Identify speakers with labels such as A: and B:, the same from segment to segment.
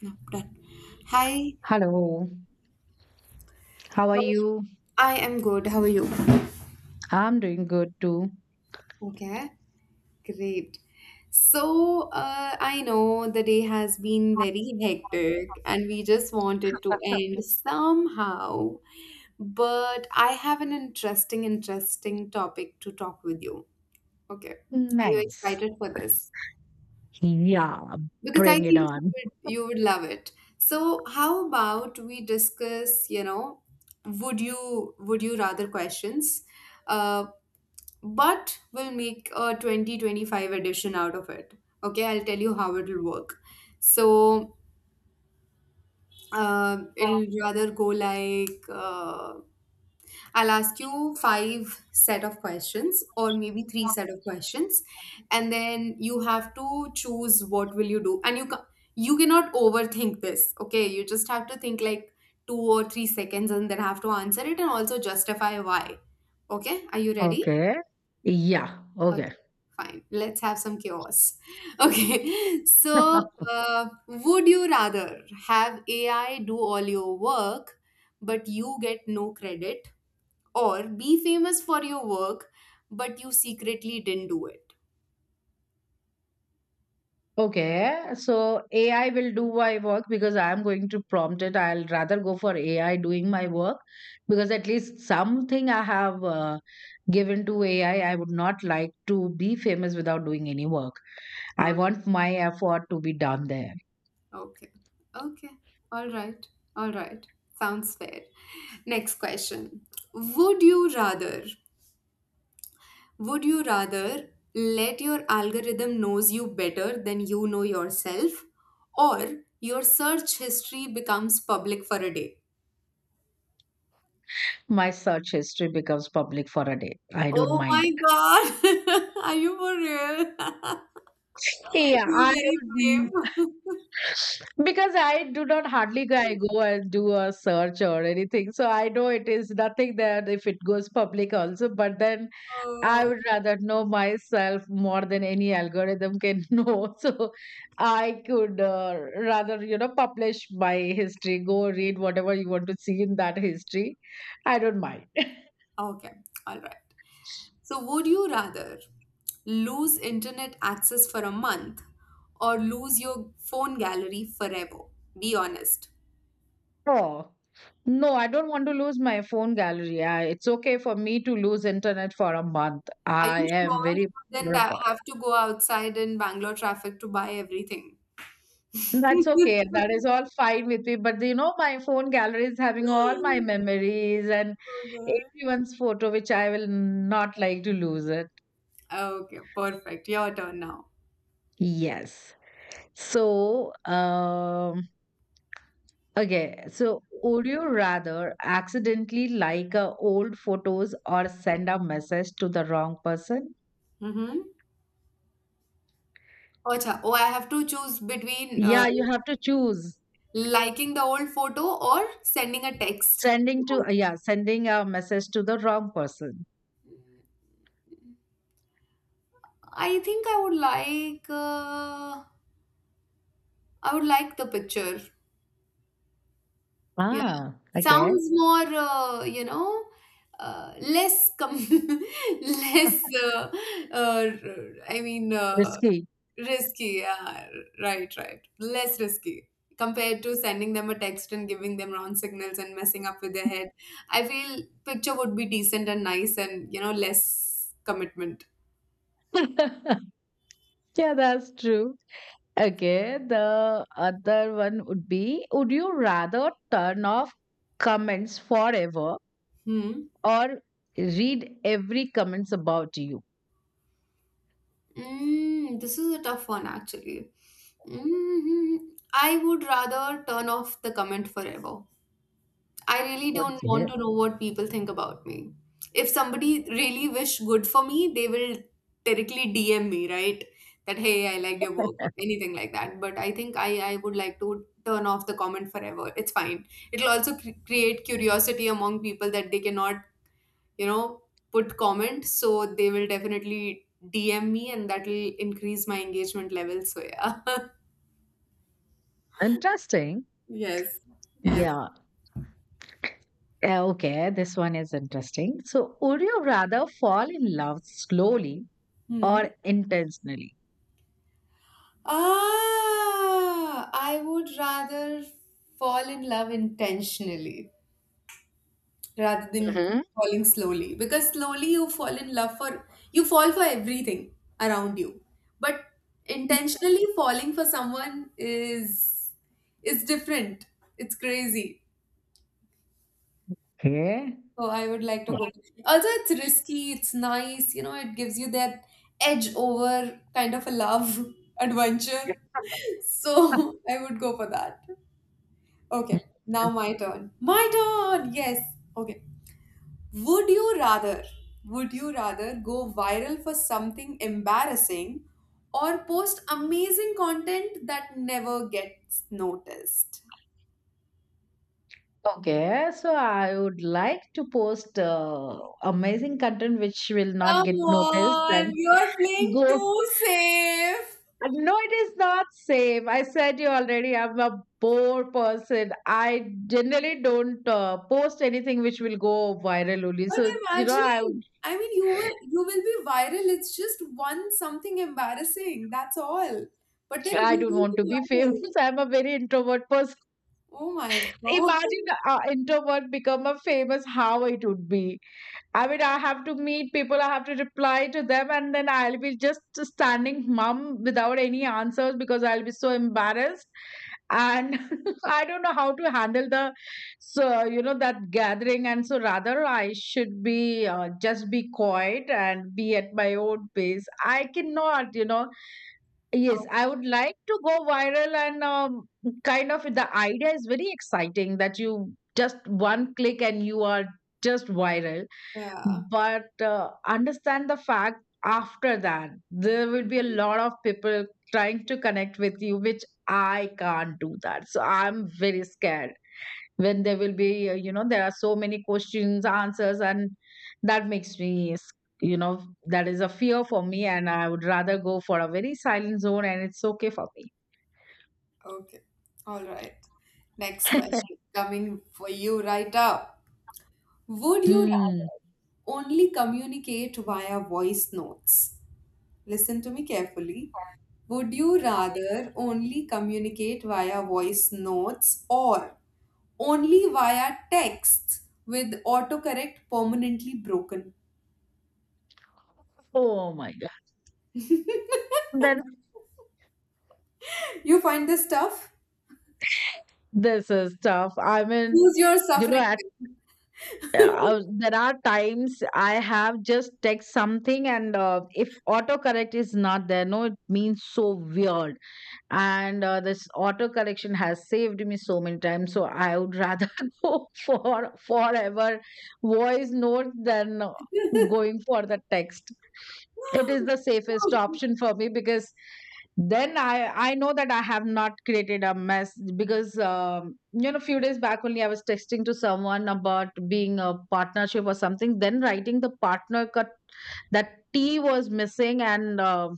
A: No, done. Hi,
B: Hello, how are
A: how are you?
B: you?
A: I am good. How are you?
B: I'm doing good too.
A: Okay, great. So, I know the day has been very hectic and we just wanted to end somehow, but I have an interesting topic to talk with you. Okay, are you
B: Nice.
A: excited for this?
B: Yeah,
A: Because I
B: bring it
A: think you
B: on.
A: would you would love it. So how about we discuss, would you rather questions? Uh, but we'll make a 2025 edition out of it. Okay, I'll tell you how it'll work. So it'll rather go like I'll ask you five set of questions or maybe three set of questions, and then you have to choose what will you do, and you cannot overthink this. Okay, you just have to think like 2 or 3 seconds and then have to answer it and also justify why. Okay, are you ready?
B: Okay. Yeah,
A: Okay,
B: okay.
A: fine. Let's have some chaos. Okay, so would you rather have AI do all your work but you get no credit, or be famous for your work, but you secretly didn't do it?
B: Okay. So AI will do my work because I'm going to prompt it. I'll rather go for AI doing my work because at least something I have given to AI. I would not like to be famous without doing any work. I
A: Oh,
B: want my effort to be done there.
A: okay. Okay. All right. All right. Sounds fair. Next question. Would you rather would you rather let your algorithm knows you better than you know yourself, or your search history becomes public for a day?
B: My search history becomes public for a day. I don't
A: Oh my
B: mind.
A: god. Are you for real?
B: Yeah,
A: You're very
B: mm,
A: brave.
B: because I do not hardly I go and do a search or anything, so I know it is nothing that if it goes public also. But then I
A: Oh.
B: would rather know myself more than any algorithm can know. So I could rather you know publish my history. Go read whatever you want to see in that history. I don't mind.
A: Okay, all right. So, would you rather lose internet access for a month or lose your phone gallery forever? Be honest.
B: Oh, no, I don't want to lose my phone gallery. It's okay for me to lose internet for a month.
A: Are
B: I
A: you
B: am
A: sure you
B: very
A: then
B: particular about.
A: have to go outside in Bangalore traffic to buy everything?
B: That's okay. That is all fine with me. But you know, my phone gallery is having all my memories and
A: Okay,
B: everyone's photo, which I will not like to lose it.
A: okay, perfect. Your turn now.
B: Yes. So, okay. So, would you rather accidentally like a old photos or send a message to the wrong person?
A: Mm-hmm. Oh, Acha, oh, I have to choose between
B: Yeah, you have to choose.
A: liking the old photo or sending a text.
B: Sending to yeah, sending a message to the wrong person.
A: I think I would like the picture. Yeah,
B: Ah, okay.
A: sounds more less com less uh, I mean,
B: Risky.
A: risky. Yeah, right, right. Less risky compared to sending them a text and giving them wrong signals and messing up with their head. I feel picture would be decent and nice and less commitment.
B: Yeah, that's true. Okay, the other one would be, would you rather turn off comments forever
A: Hmm.
B: or read every comments about you?
A: This is a tough one, actually. hmm I would rather turn off the comment forever. I really don't
B: Okay.
A: want to know what people think about me. If somebody really wish good for me, they will directly DM me, right? That hey, I liked your work, anything like that. But I think I would like to turn off the comment forever. It's fine. It'll also create curiosity among people that they cannot you know put comments, so they will definitely DM me, and that will increase my engagement level, so yeah.
B: Interesting.
A: Yes. Yes.
B: Yeah. Eh, okay, this one is interesting. So, would you rather fall in love slowly
A: Hmm.
B: or intentionally?
A: I would rather fall in love intentionally rather than
B: Hmm.
A: falling slowly, because slowly you fall in love for you fall for everything around you, but intentionally falling for someone is is different. It's crazy.
B: Okay.
A: Oh, I would like to go.
B: Yeah.
A: Also, it's risky, it's nice, it gives you that edge over kind of a love adventure. So I would go for that.
B: Mm.
A: Okay, now my turn. My turn! Yes. Okay. Would you rather, would you rather go viral for something embarrassing or post amazing content that never gets noticed?
B: Okay, so I would like to post amazing content which will not
A: Come
B: get noticed
A: on,
B: and
A: you're playing
B: go.
A: too safe.
B: No, it is not safe. I said you already. I'm a poor person. I generally don't post anything which will go viral only.
A: But
B: So you know, I would-
A: imagine, I mean, you will be viral. It's just one something embarrassing. That's all. But then
B: I
A: you
B: don't
A: will
B: want to
A: be
B: be famous.
A: viral.
B: I'm a very introvert person.
A: Oh my God.
B: Imagine an introvert become a famous. How it would be. I mean, I have to meet people, I have to reply to them, and then I'll be just standing mum without any answers because I'll be so embarrassed. And I don't know how to handle so, you know, that gathering. And so rather I should be just be quiet and be at my own pace. I cannot, you know, yes,
A: Oh,
B: I would like to go viral and kind of the idea is very exciting that you just one click and you are just viral. Mm.
A: yeah.
B: But understand the fact after that there will be a lot of people trying to connect with you, which I can't do that, so I'm very scared when there will be you know there are so many questions answers and that makes me you know that is a fear for me, and I would rather go for a very silent zone and it's okay for me.
A: Okay. All right. Next question coming for you right up. Would you
B: Mm.
A: rather only communicate via voice notes? Listen to me carefully. Would you rather only communicate via voice notes, or only via texts with autocorrect permanently broken?
B: Oh my god.
A: You
B: Then
A: find this tough?
B: this is tough. I mean,
A: Choose your
B: you know
A: suffering.
B: at there are times I have just text something, and if autocorrect is not there, no, it means so weird, and this auto correction has saved me so many times, so I would rather go for forever voice note than
A: Then.
B: going for the text. It is the safest option for me because then I know that I have not created a mess because you know few days back only I was texting to someone about being a partnership or something then writing the partner cut, that t was missing, and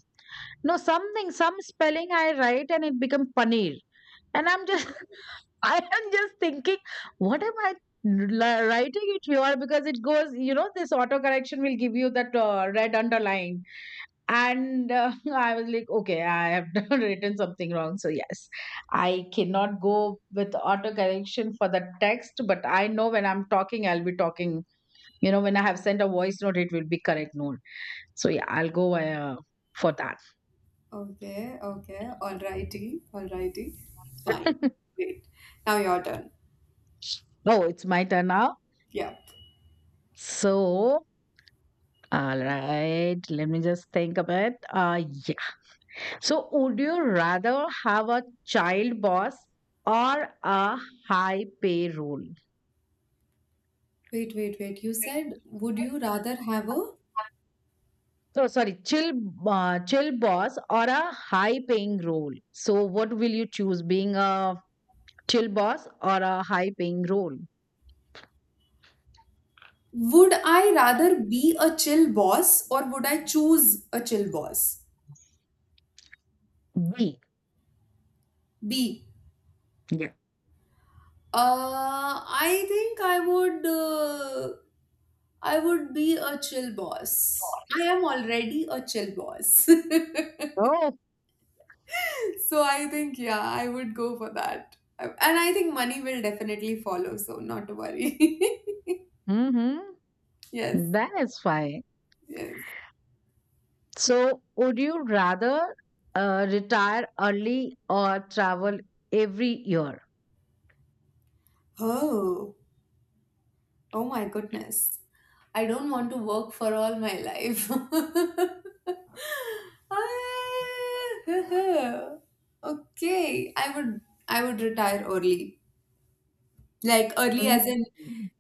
B: no, something, some spelling I write and it become paneer. And I'm just, I am just thinking, what am I writing it here? Because it goes, you know, this auto correction will give you that red underline. And I was like, okay, I have done written something wrong. So, yes, I cannot go with auto correction for the text, but I know when I'm talking, I'll be talking, you know, when I have sent a voice note, it will be correct note. So, yeah, I'll go for that.
A: Okay, okay, alrighty, alrighty, fine. Wait, now your turn.
B: Oh, it's my turn now.
A: Yep.
B: So, all right, let me just think a bit. Yeah. So, would you rather have a child boss or a high pay role?
A: Wait, wait, wait. You said, would you rather have a.
B: So, sorry, chill boss or a high paying role. So, what will you choose, being a chill boss or a high paying role?
A: Would I rather be a chill boss, or would I choose a chill boss?
B: B.
A: B.
B: Yeah.
A: I think I would be a chill boss. I am already a chill boss.
B: Oh.
A: So I think yeah, I would go for that. And I think money will definitely follow, so not to worry.
B: Mm-hmm.
A: Yes,
B: That is fine.
A: yes.
B: So, would you rather retire early or travel every year?
A: Oh, oh my goodness. I don't want to work for all my life. Ah, Okay, I would retire early. Like early
B: Mm,
A: as in,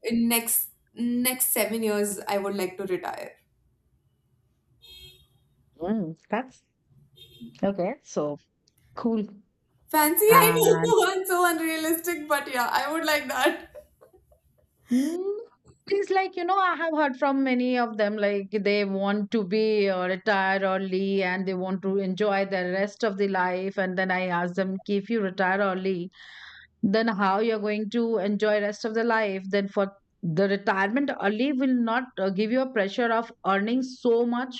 A: in next 7 years, I would like to retire.
B: that's okay. So cool.
A: Fancy, I
B: And
A: know. I'm so unrealistic, but yeah, I would like that.
B: mm, it's like, you know, I have heard from many of them, like they want to be retire early and they want to enjoy the rest of the life. And then I ask them, "Ki, if you retire early, then how you're going to enjoy rest of the life then for the retirement early will not give you a pressure of earning so much.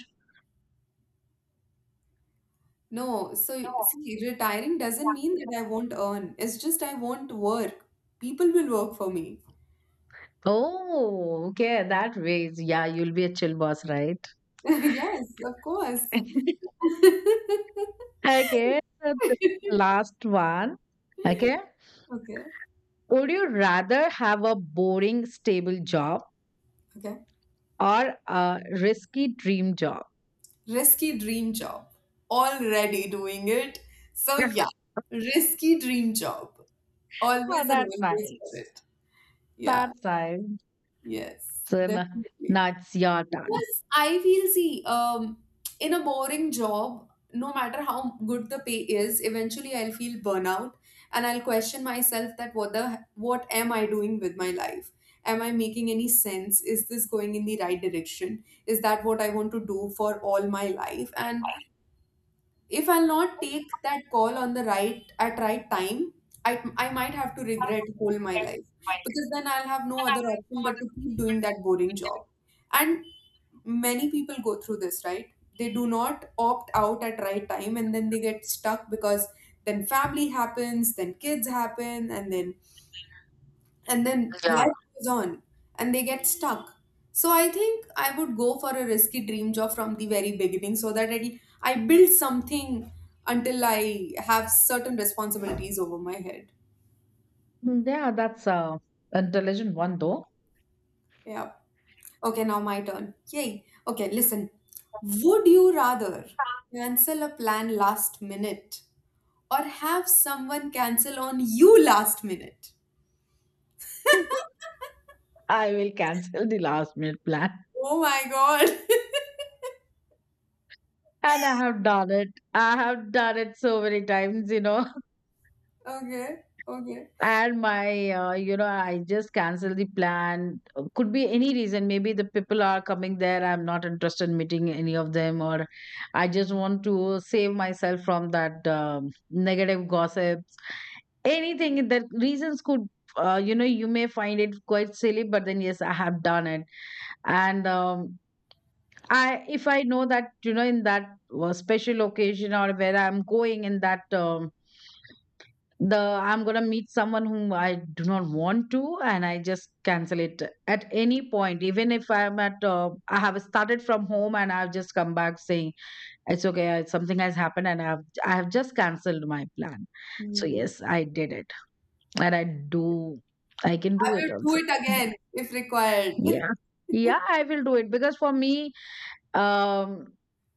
A: No, so see, retiring doesn't mean that I won't earn. It's just I won't work. People will work for me.
B: Oh okay, that ways, yeah, you'll be a chill boss, right?
A: Yes, of course.
B: Okay, so the last one. Okay,
A: Okay,
B: would you rather have a boring stable job
A: okay.
B: or a risky dream job?
A: Risky dream job. Already doing it. So yeah, risky dream job.
B: Oh,
A: Always and
B: that's
A: always for
B: nice.
A: it. Yeah.
B: That's nice.
A: Yes.
B: So
A: Definitely.
B: now it's your turn.
A: Plus, I feel, see, in a boring job, no matter how good the pay is, eventually I'll feel burnout, and I'll question myself that what am I doing with my life? Am I making any sense? Is this going in the right direction? Is that what I want to do for all my life? And if I'll not take that call on the right at right time, I might have to regret whole my life, because then I'll have no other option but to keep doing that boring job. And many people go through this, right? They do not opt out at right time, and then they get stuck because then family happens, then kids happen, and then
B: Yeah.
A: life goes on, and they get stuck. So I think I would go for a risky dream job from the very beginning, so that I build something until I have certain responsibilities over my head.
B: Yeah, that's a intelligent one though.
A: Yeah, okay, now my turn, yay. Okay, listen, would you rather cancel a plan last minute or have someone cancel on you last minute?
B: I will cancel the last minute plan.
A: Oh my god.
B: And I have done it. I have done it so many times, you know.
A: Okay, okay.
B: You know, I just cancel the plan. Could be any reason. Maybe the people are coming there. I'm not interested in meeting any of them, or I just want to save myself from that negative gossip, anything the reasons could you know you may find it quite silly, but then yes I have done it, and I if I know that you know in that special occasion or where I'm going in that the I'm going to meet someone whom I do not want to, and I just cancel it at any point even if I have started from home and I've just come back saying it's okay, something has happened and I have just cancelled my plan. So
A: Hmm.
B: yes I did it, and I do. I can
A: I
B: do it
A: will
B: also.
A: do it
B: Yeah.
A: again if required.
B: Yeah. Yeah, I will do it because for me, um,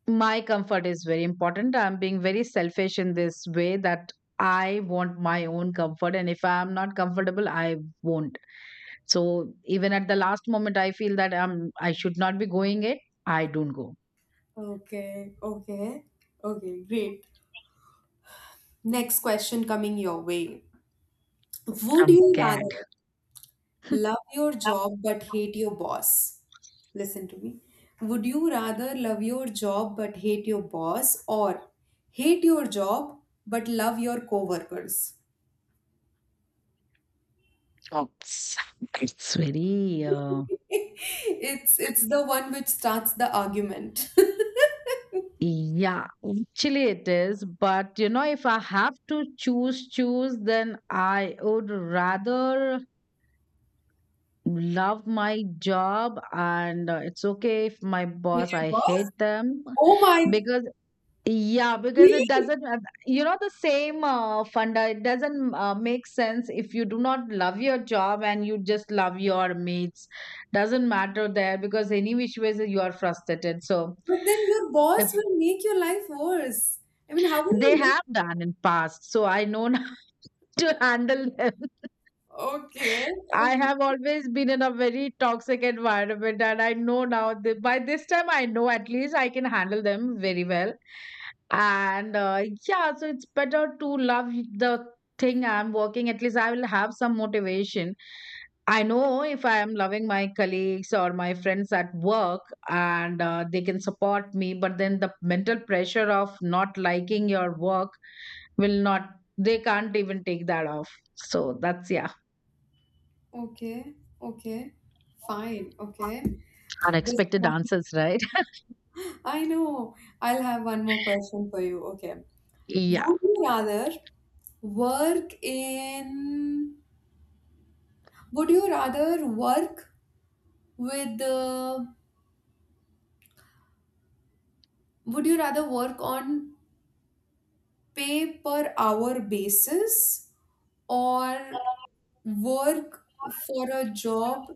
B: my comfort is very important. I'm being very selfish in this way that I want my own comfort. And if I'm not comfortable, I won't. So even at the last moment, I feel that I should not be going it. I don't go.
A: Okay, okay, okay, great. Next question coming your way. Would
B: I'm
A: you
B: scared.
A: rather love your job but hate your boss. Listen to me. Would you rather love your job but hate your boss, or hate your job but love your coworkers?
B: Oops. It's very
A: It's the one which starts the argument.
B: yeah, actually it is. But you know, if I have to choose, then I would rather love my job and it's okay if my
A: Hate
B: boss,
A: your
B: I
A: boss?
B: hate them
A: Oh my,
B: because yeah, because it
A: really?
B: doesn't, you know, the same funda, it doesn't make sense if you do not love your job and you just love your mates. Doesn't matter there because any which ways you are frustrated. So
A: But then your
B: if
A: boss will make your life worse. I mean, how will
B: they
A: you
B: have done in past so I know to handle them.
A: live? Okay,
B: I
A: okay,
B: have always been in a very toxic environment, and I know now that by this time I know at least I can handle them very well. And yeah, so it's better to love the thing I'm working. At least I will have some motivation. I know if I am loving my colleagues or my friends at work and they can support me, but then the mental pressure of not liking your work will not, they can't even take that off. So that's yeah.
A: okay, okay. Fine, okay. This
B: Unexpected
A: one
B: answers, right?
A: I know. I'll have one more question for you. Okay.
B: Yeah.
A: Would you rather work in, would you rather work with the, work on pay per hour basis, or work for a job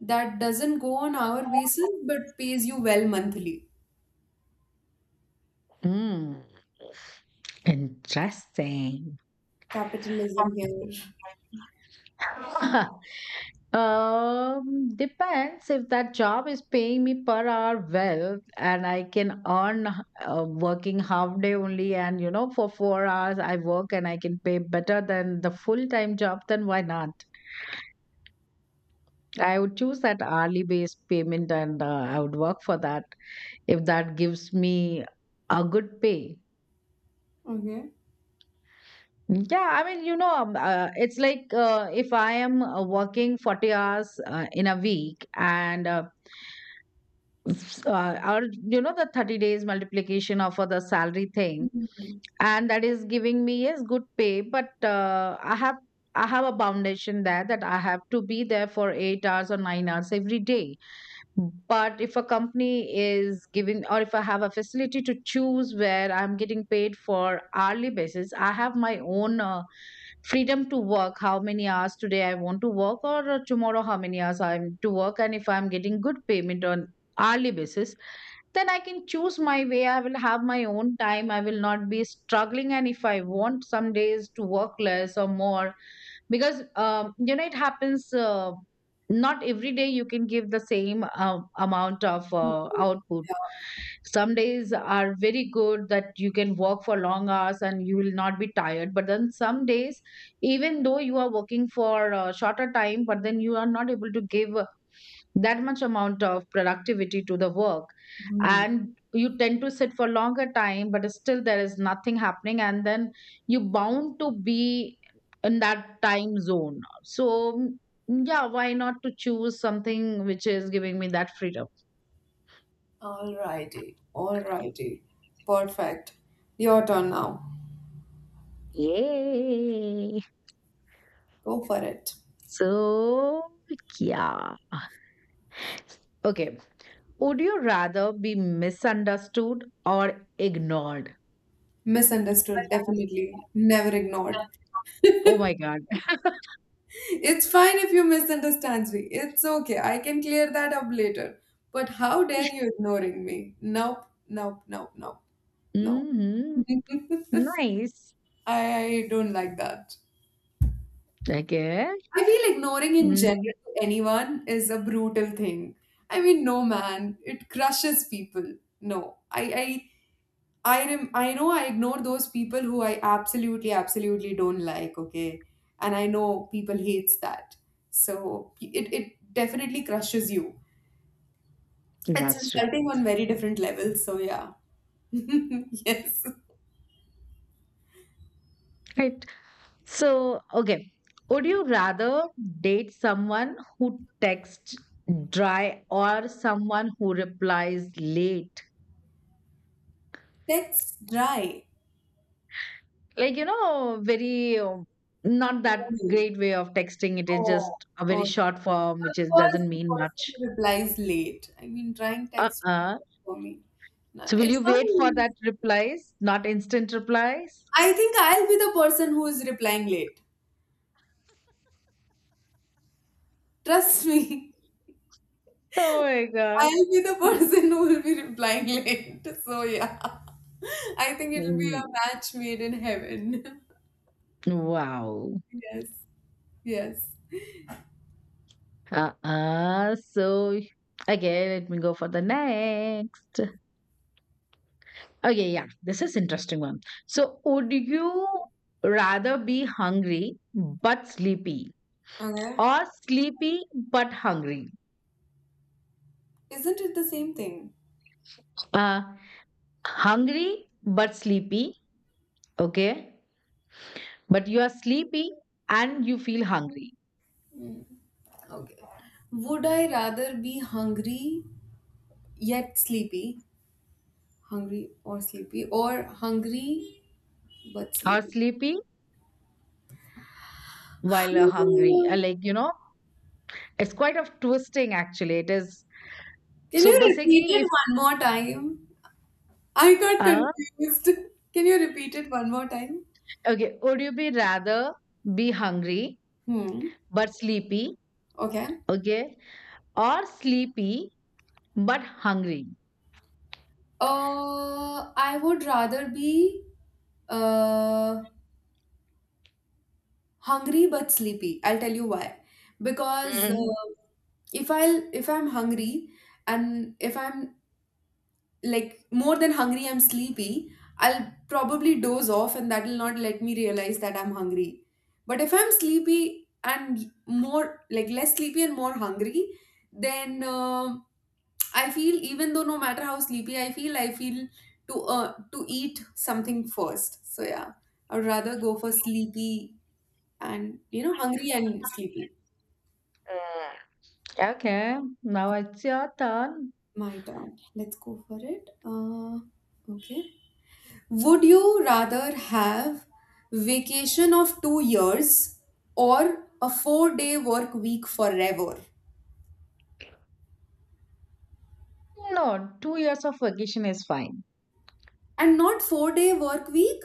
A: that doesn't go on hour basis but pays you well monthly?
B: Mm, interesting.
A: Capitalism here.
B: um, Depends if that job is paying me per hour well and I can earn working half day only and you know for 4 hours I work and I can pay better than the full time job, then why not? I would choose that hourly based payment and I would work for that if that gives me a good pay.
A: Okay.
B: Yeah, I mean, you know, it's like if I am working 40 hours in a week and, or, you know, the 30 days multiplication of the salary thing,
A: Mm-hmm.
B: and that is giving me, yes, good pay, but I have a foundation there that I have to be there for 8 hours or 9 hours every day. But if a company is giving, or if I have a facility to choose where I'm getting paid for hourly basis, I have my own freedom to work how many hours today I want to work, or tomorrow how many hours I'm to work. And if I'm getting good payment on hourly basis, then I can choose my way. I will have my own time. I will not be struggling. And if I want some days to work less or more, because it happens not every day you can give the same amount of output. Some days are very good that you can work for long hours and you will not be tired, but then some days, even though you are working for a shorter time, but then you are not able to give that much amount of productivity to the work, and you tend to sit for longer time but still there is nothing happening, and then you bound to be in that time zone, so yeah, why not to choose something which is giving me that freedom?
A: Alrighty, alrighty. Perfect. Your turn now.
B: Yay!
A: Go for it.
B: So, yeah. Okay, would you rather be misunderstood or ignored?
A: Misunderstood, definitely. Never ignored.
B: Oh my god.
A: It's fine if you misunderstand me. It's okay. I can clear that up later. But how dare you ignoring me? Nope, nope, nope, nope, no.
B: Hmm. Nice.
A: I don't like that.
B: Okay.
A: I feel ignoring in
B: Mm,
A: general to anyone is a brutal thing. I mean, no man, it crushes people. No, I know I ignore those people who I absolutely, absolutely don't like. Okay, and I know people hates that. So it definitely crushes you. It's
B: that's true.
A: insulting on very different levels, so yeah. Yes.
B: Right. So, okay. Would you rather date someone who texts dry or someone who replies late?
A: Text dry.
B: Like, very not that
A: Ooh.
B: great way of texting. It is just
A: Oh,
B: a very
A: oh.
B: short form, which
A: Of
B: is
A: course,
B: doesn't
A: the
B: mean much.
A: person who replies late. I mean, trying text
B: Uh-uh.
A: for me. No,
B: So
A: no,
B: will
A: it's
B: you wait for
A: fine.
B: that replies, not instant replies?
A: I think I'll be the person who is replying late. Trust me.
B: Oh my God.
A: I'll be the person who will be replying late. So yeah. I think it'll be
B: Mm.
A: a match made in heaven.
B: Wow.
A: Yes. Yes.
B: Uh-uh. So okay, let me go for the next. Okay, yeah, this is interesting one. So would you rather be hungry but sleepy,
A: Okay.
B: or sleepy but hungry?
A: Isn't it the same thing?
B: Uh Hungry but sleepy, okay? But you are sleepy and you feel hungry.
A: Okay. Would I rather be hungry yet sleepy? Hungry or sleepy? Or hungry but
B: Or
A: sleepy?
B: sleepy while you're hungry.
A: Hmm.
B: Like, it's quite of twisting actually. It is
A: Can
B: so
A: you repeat
B: basically if
A: it one more time? I got
B: uh,
A: confused. Can you repeat it one more time?
B: Okay, would you be rather be hungry
A: Hmm.
B: but sleepy?
A: Okay.
B: Okay, or sleepy but hungry?
A: I would rather be uh hungry but sleepy. I'll tell you why. Because
B: Mm.
A: if I'm hungry, and if I'm like more than hungry, I'm sleepy, I'll probably doze off, and that will not let me realize that I'm hungry. But if I'm sleepy and more, like, less sleepy and more hungry, then I feel, even though no matter how sleepy I feel, I feel to eat something first. So yeah, I'd rather go for sleepy and hungry and sleepy.
B: Mm. Okay, now it's your turn.
A: My turn, let's go for it. Okay. Would you rather have vacation of 2 years or a 4-day work week forever?
B: No, 2 years of vacation is fine.
A: And not 4-day work week?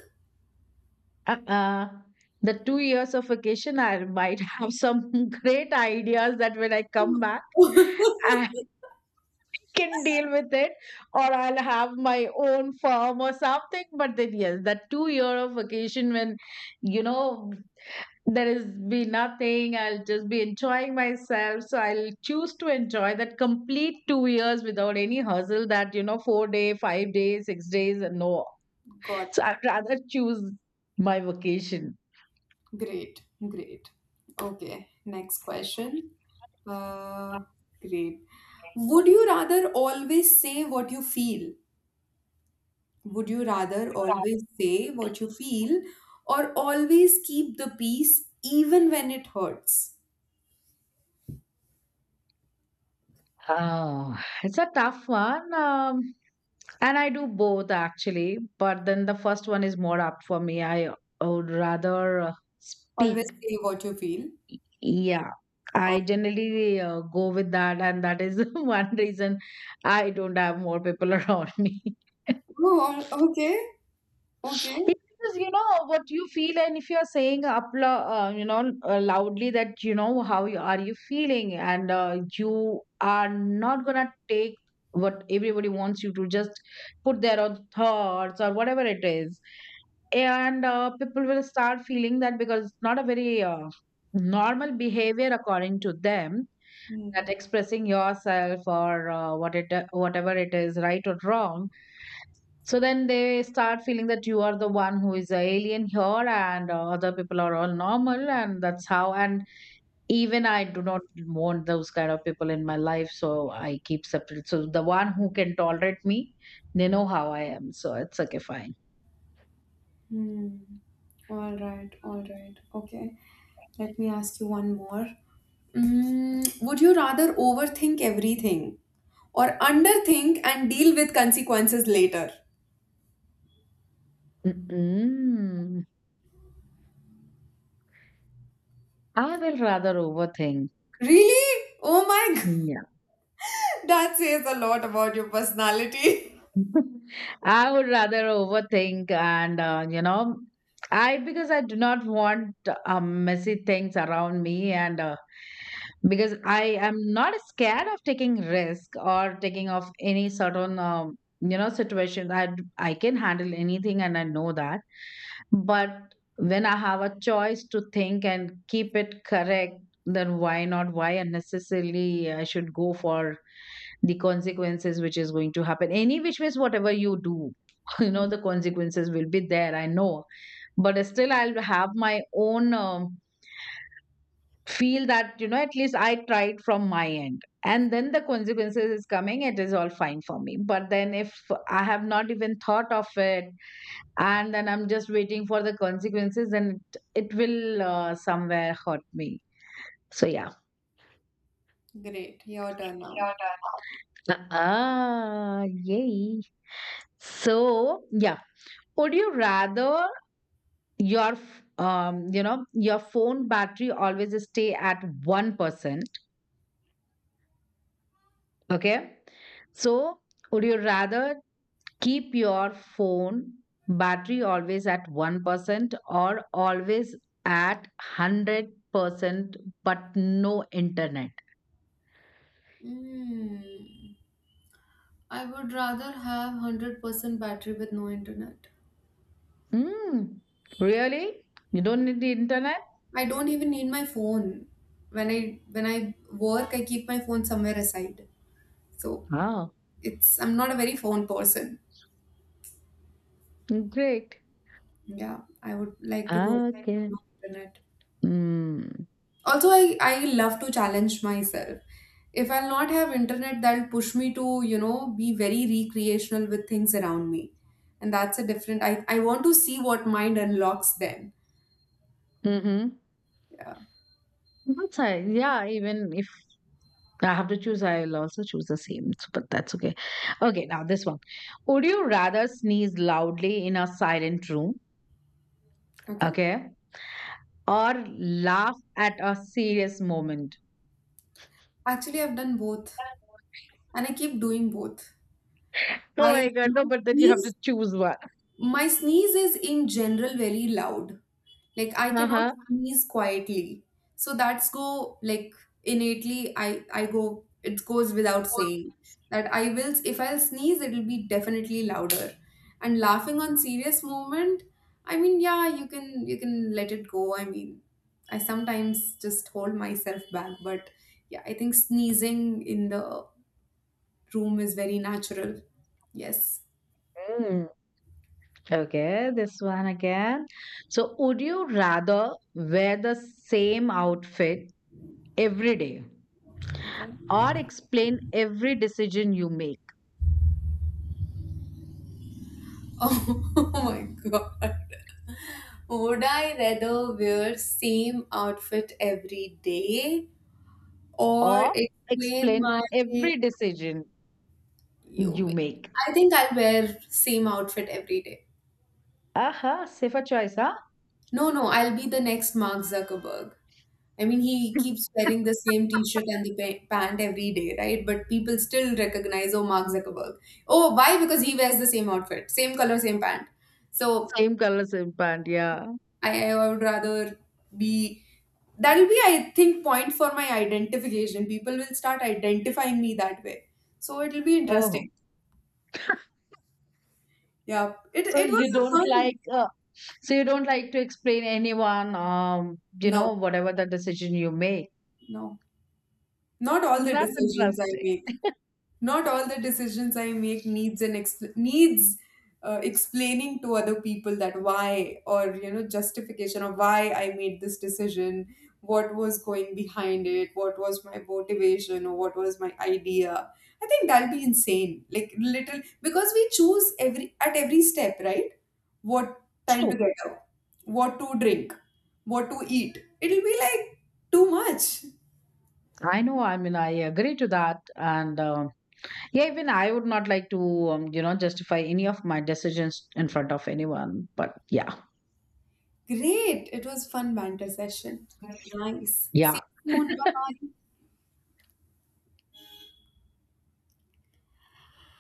B: Uh-uh. The 2 years of vacation, I might have some great ideas that when I come back, I can deal with it, or I'll have my own firm or something. But then, yes, that 2 year of vacation when you know there is be nothing, I'll just be enjoying myself, so I'll choose to enjoy that complete 2 years without any hustle that 4 day, 5 days, 6 days, and no.
A: Got
B: So
A: it.
B: I'd rather choose my vacation.
A: Great. Great. Okay. Next question. Uh, great. Would you rather always say what you feel? Would you rather always say what you feel, or always keep the peace even when it hurts?
B: Oh, it's a tough one. And I do both actually, but then the first one is more up for me. I would rather
A: Always
B: speak.
A: say what you feel.
B: Yeah,
A: Uh,
B: I generally go with that, and that is one reason I don't have more people around me. Yeah.
A: oh, okay, okay.
B: Because you know what you feel, and if you are saying loudly that you know how you are you feeling, and you are not gonna take what everybody wants you to just put their own thoughts or whatever it is, and people will start feeling that, because it's not a very normal behavior according to them,
A: Hmm.
B: that expressing yourself or whatever it is right or wrong. So then they start feeling that you are the one who is a alien here, and other people are all normal, and that's how. And even I do not want those kind of people in my life, so I keep separate. So the one who can tolerate me, they know how I am, so it's okay, fine.
A: Hmm. All right, all right. Okay. Let me ask you one more. Would you rather overthink everything or underthink and deal with consequences later?
B: Mm-mm. I will rather overthink.
A: Really? Oh my god,
B: Yeah.
A: that says a lot about your personality.
B: I would rather overthink and, you know, I because I do not want messy things around me, and because I am not scared of taking risk or taking of any certain situation. I can handle anything and I know that. But when I have a choice to think and keep it correct, then why not? Why unnecessarily I should go for the consequences, which is going to happen any which ways whatever you do. You know the consequences will be there, I know. But still I'll have my own feel that at least I tried from my end, and then the consequences is coming, it is all fine for me. But then if I have not even thought of it, and then I'm just waiting for the consequences, then it will somewhere hurt me, so yeah.
A: Great, your turn now.
B: Ah, yay. So, yeah. Would you rather your f- you know your phone battery always stay at 1%, okay? So would you rather keep your phone battery always at 1% or always at 100% but no internet?
A: Mm, I would rather have 100% battery with no internet.
B: Hmm. Really? You don't need the internet?
A: I don't even need my phone. When I work, I keep my phone somewhere aside. So
B: Wow.
A: it's I'm not a very phone person.
B: Great.
A: Yeah, I would like to go
B: Okay.
A: no internet.
B: Mm.
A: Also, I love to challenge myself. If I'll not have internet, that'll push me to be very recreational with things around me, and that's a different. I want to see what mind unlocks then.
B: Mm-hmm.
A: Yeah.
B: That's right. Yeah, even if I have to choose, I'll also choose the same, but that's okay. Okay, now this one. Would you rather sneeze loudly in a silent room,
A: Okay.
B: okay, or laugh at a serious moment?
A: Actually, I've done both, and I keep doing both.
B: Oh my
A: I
B: god,
A: my
B: no, but then you
A: sleep
B: have to choose one.
A: My sneeze is in general very loud. Like I cannot
B: Uh-huh.
A: sneeze quietly. So that's go, like, innately, I go it goes without saying that I will if I'll sneeze, it'll be definitely louder. And laughing on serious moment, I mean yeah, you can let it go. I mean, I sometimes just hold myself back, but yeah, I think sneezing in the room is very natural. Yes.
B: Mm, Okay, this one again. So, would you rather wear the same outfit every day
A: Okay.
B: or explain every decision you make
A: Oh, my god. Would I rather wear same outfit every day or
B: or
A: explain my,
B: explain every decision
A: you
B: you
A: may-
B: make?
A: I think I'll wear same outfit every day.
B: Aha, safer choice, huh?
A: No, no, I'll be the next Mark Zuckerberg. I mean, he keeps wearing the same t-shirt and the pant every day, right? But people still recognize, oh, Mark Zuckerberg. Oh, why? Because he wears the same outfit, same color, same pant. So
B: Same color, same pant. Yeah.
A: I would rather be that'll be I think, point for my identification. People will start identifying me that way. So it'll be
B: Oh,
A: interesting. Yeah. It
B: so
A: it was
B: you
A: a
B: don't
A: fun.
B: like uh, so you don't like to explain anyone
A: No,
B: whatever the decision you make.
A: no. Not all the
B: That's
A: decisions I
B: interesting.
A: made. Not all the decisions I make needs explaining to other people that why or justification of why I made this decision, what was going behind it, what was my motivation or what was my idea. I think that'll be insane. Like little because we choose every at every step, right? What time
B: True.
A: to get up, what to drink, what to eat. It'll be like too much.
B: I know. I mean, I agree to that, and yeah, even I would not like to justify any of my decisions in front of anyone. But yeah,
A: Great. It was fun banter session. Nice.
B: yeah.
A: See you soon. Bye.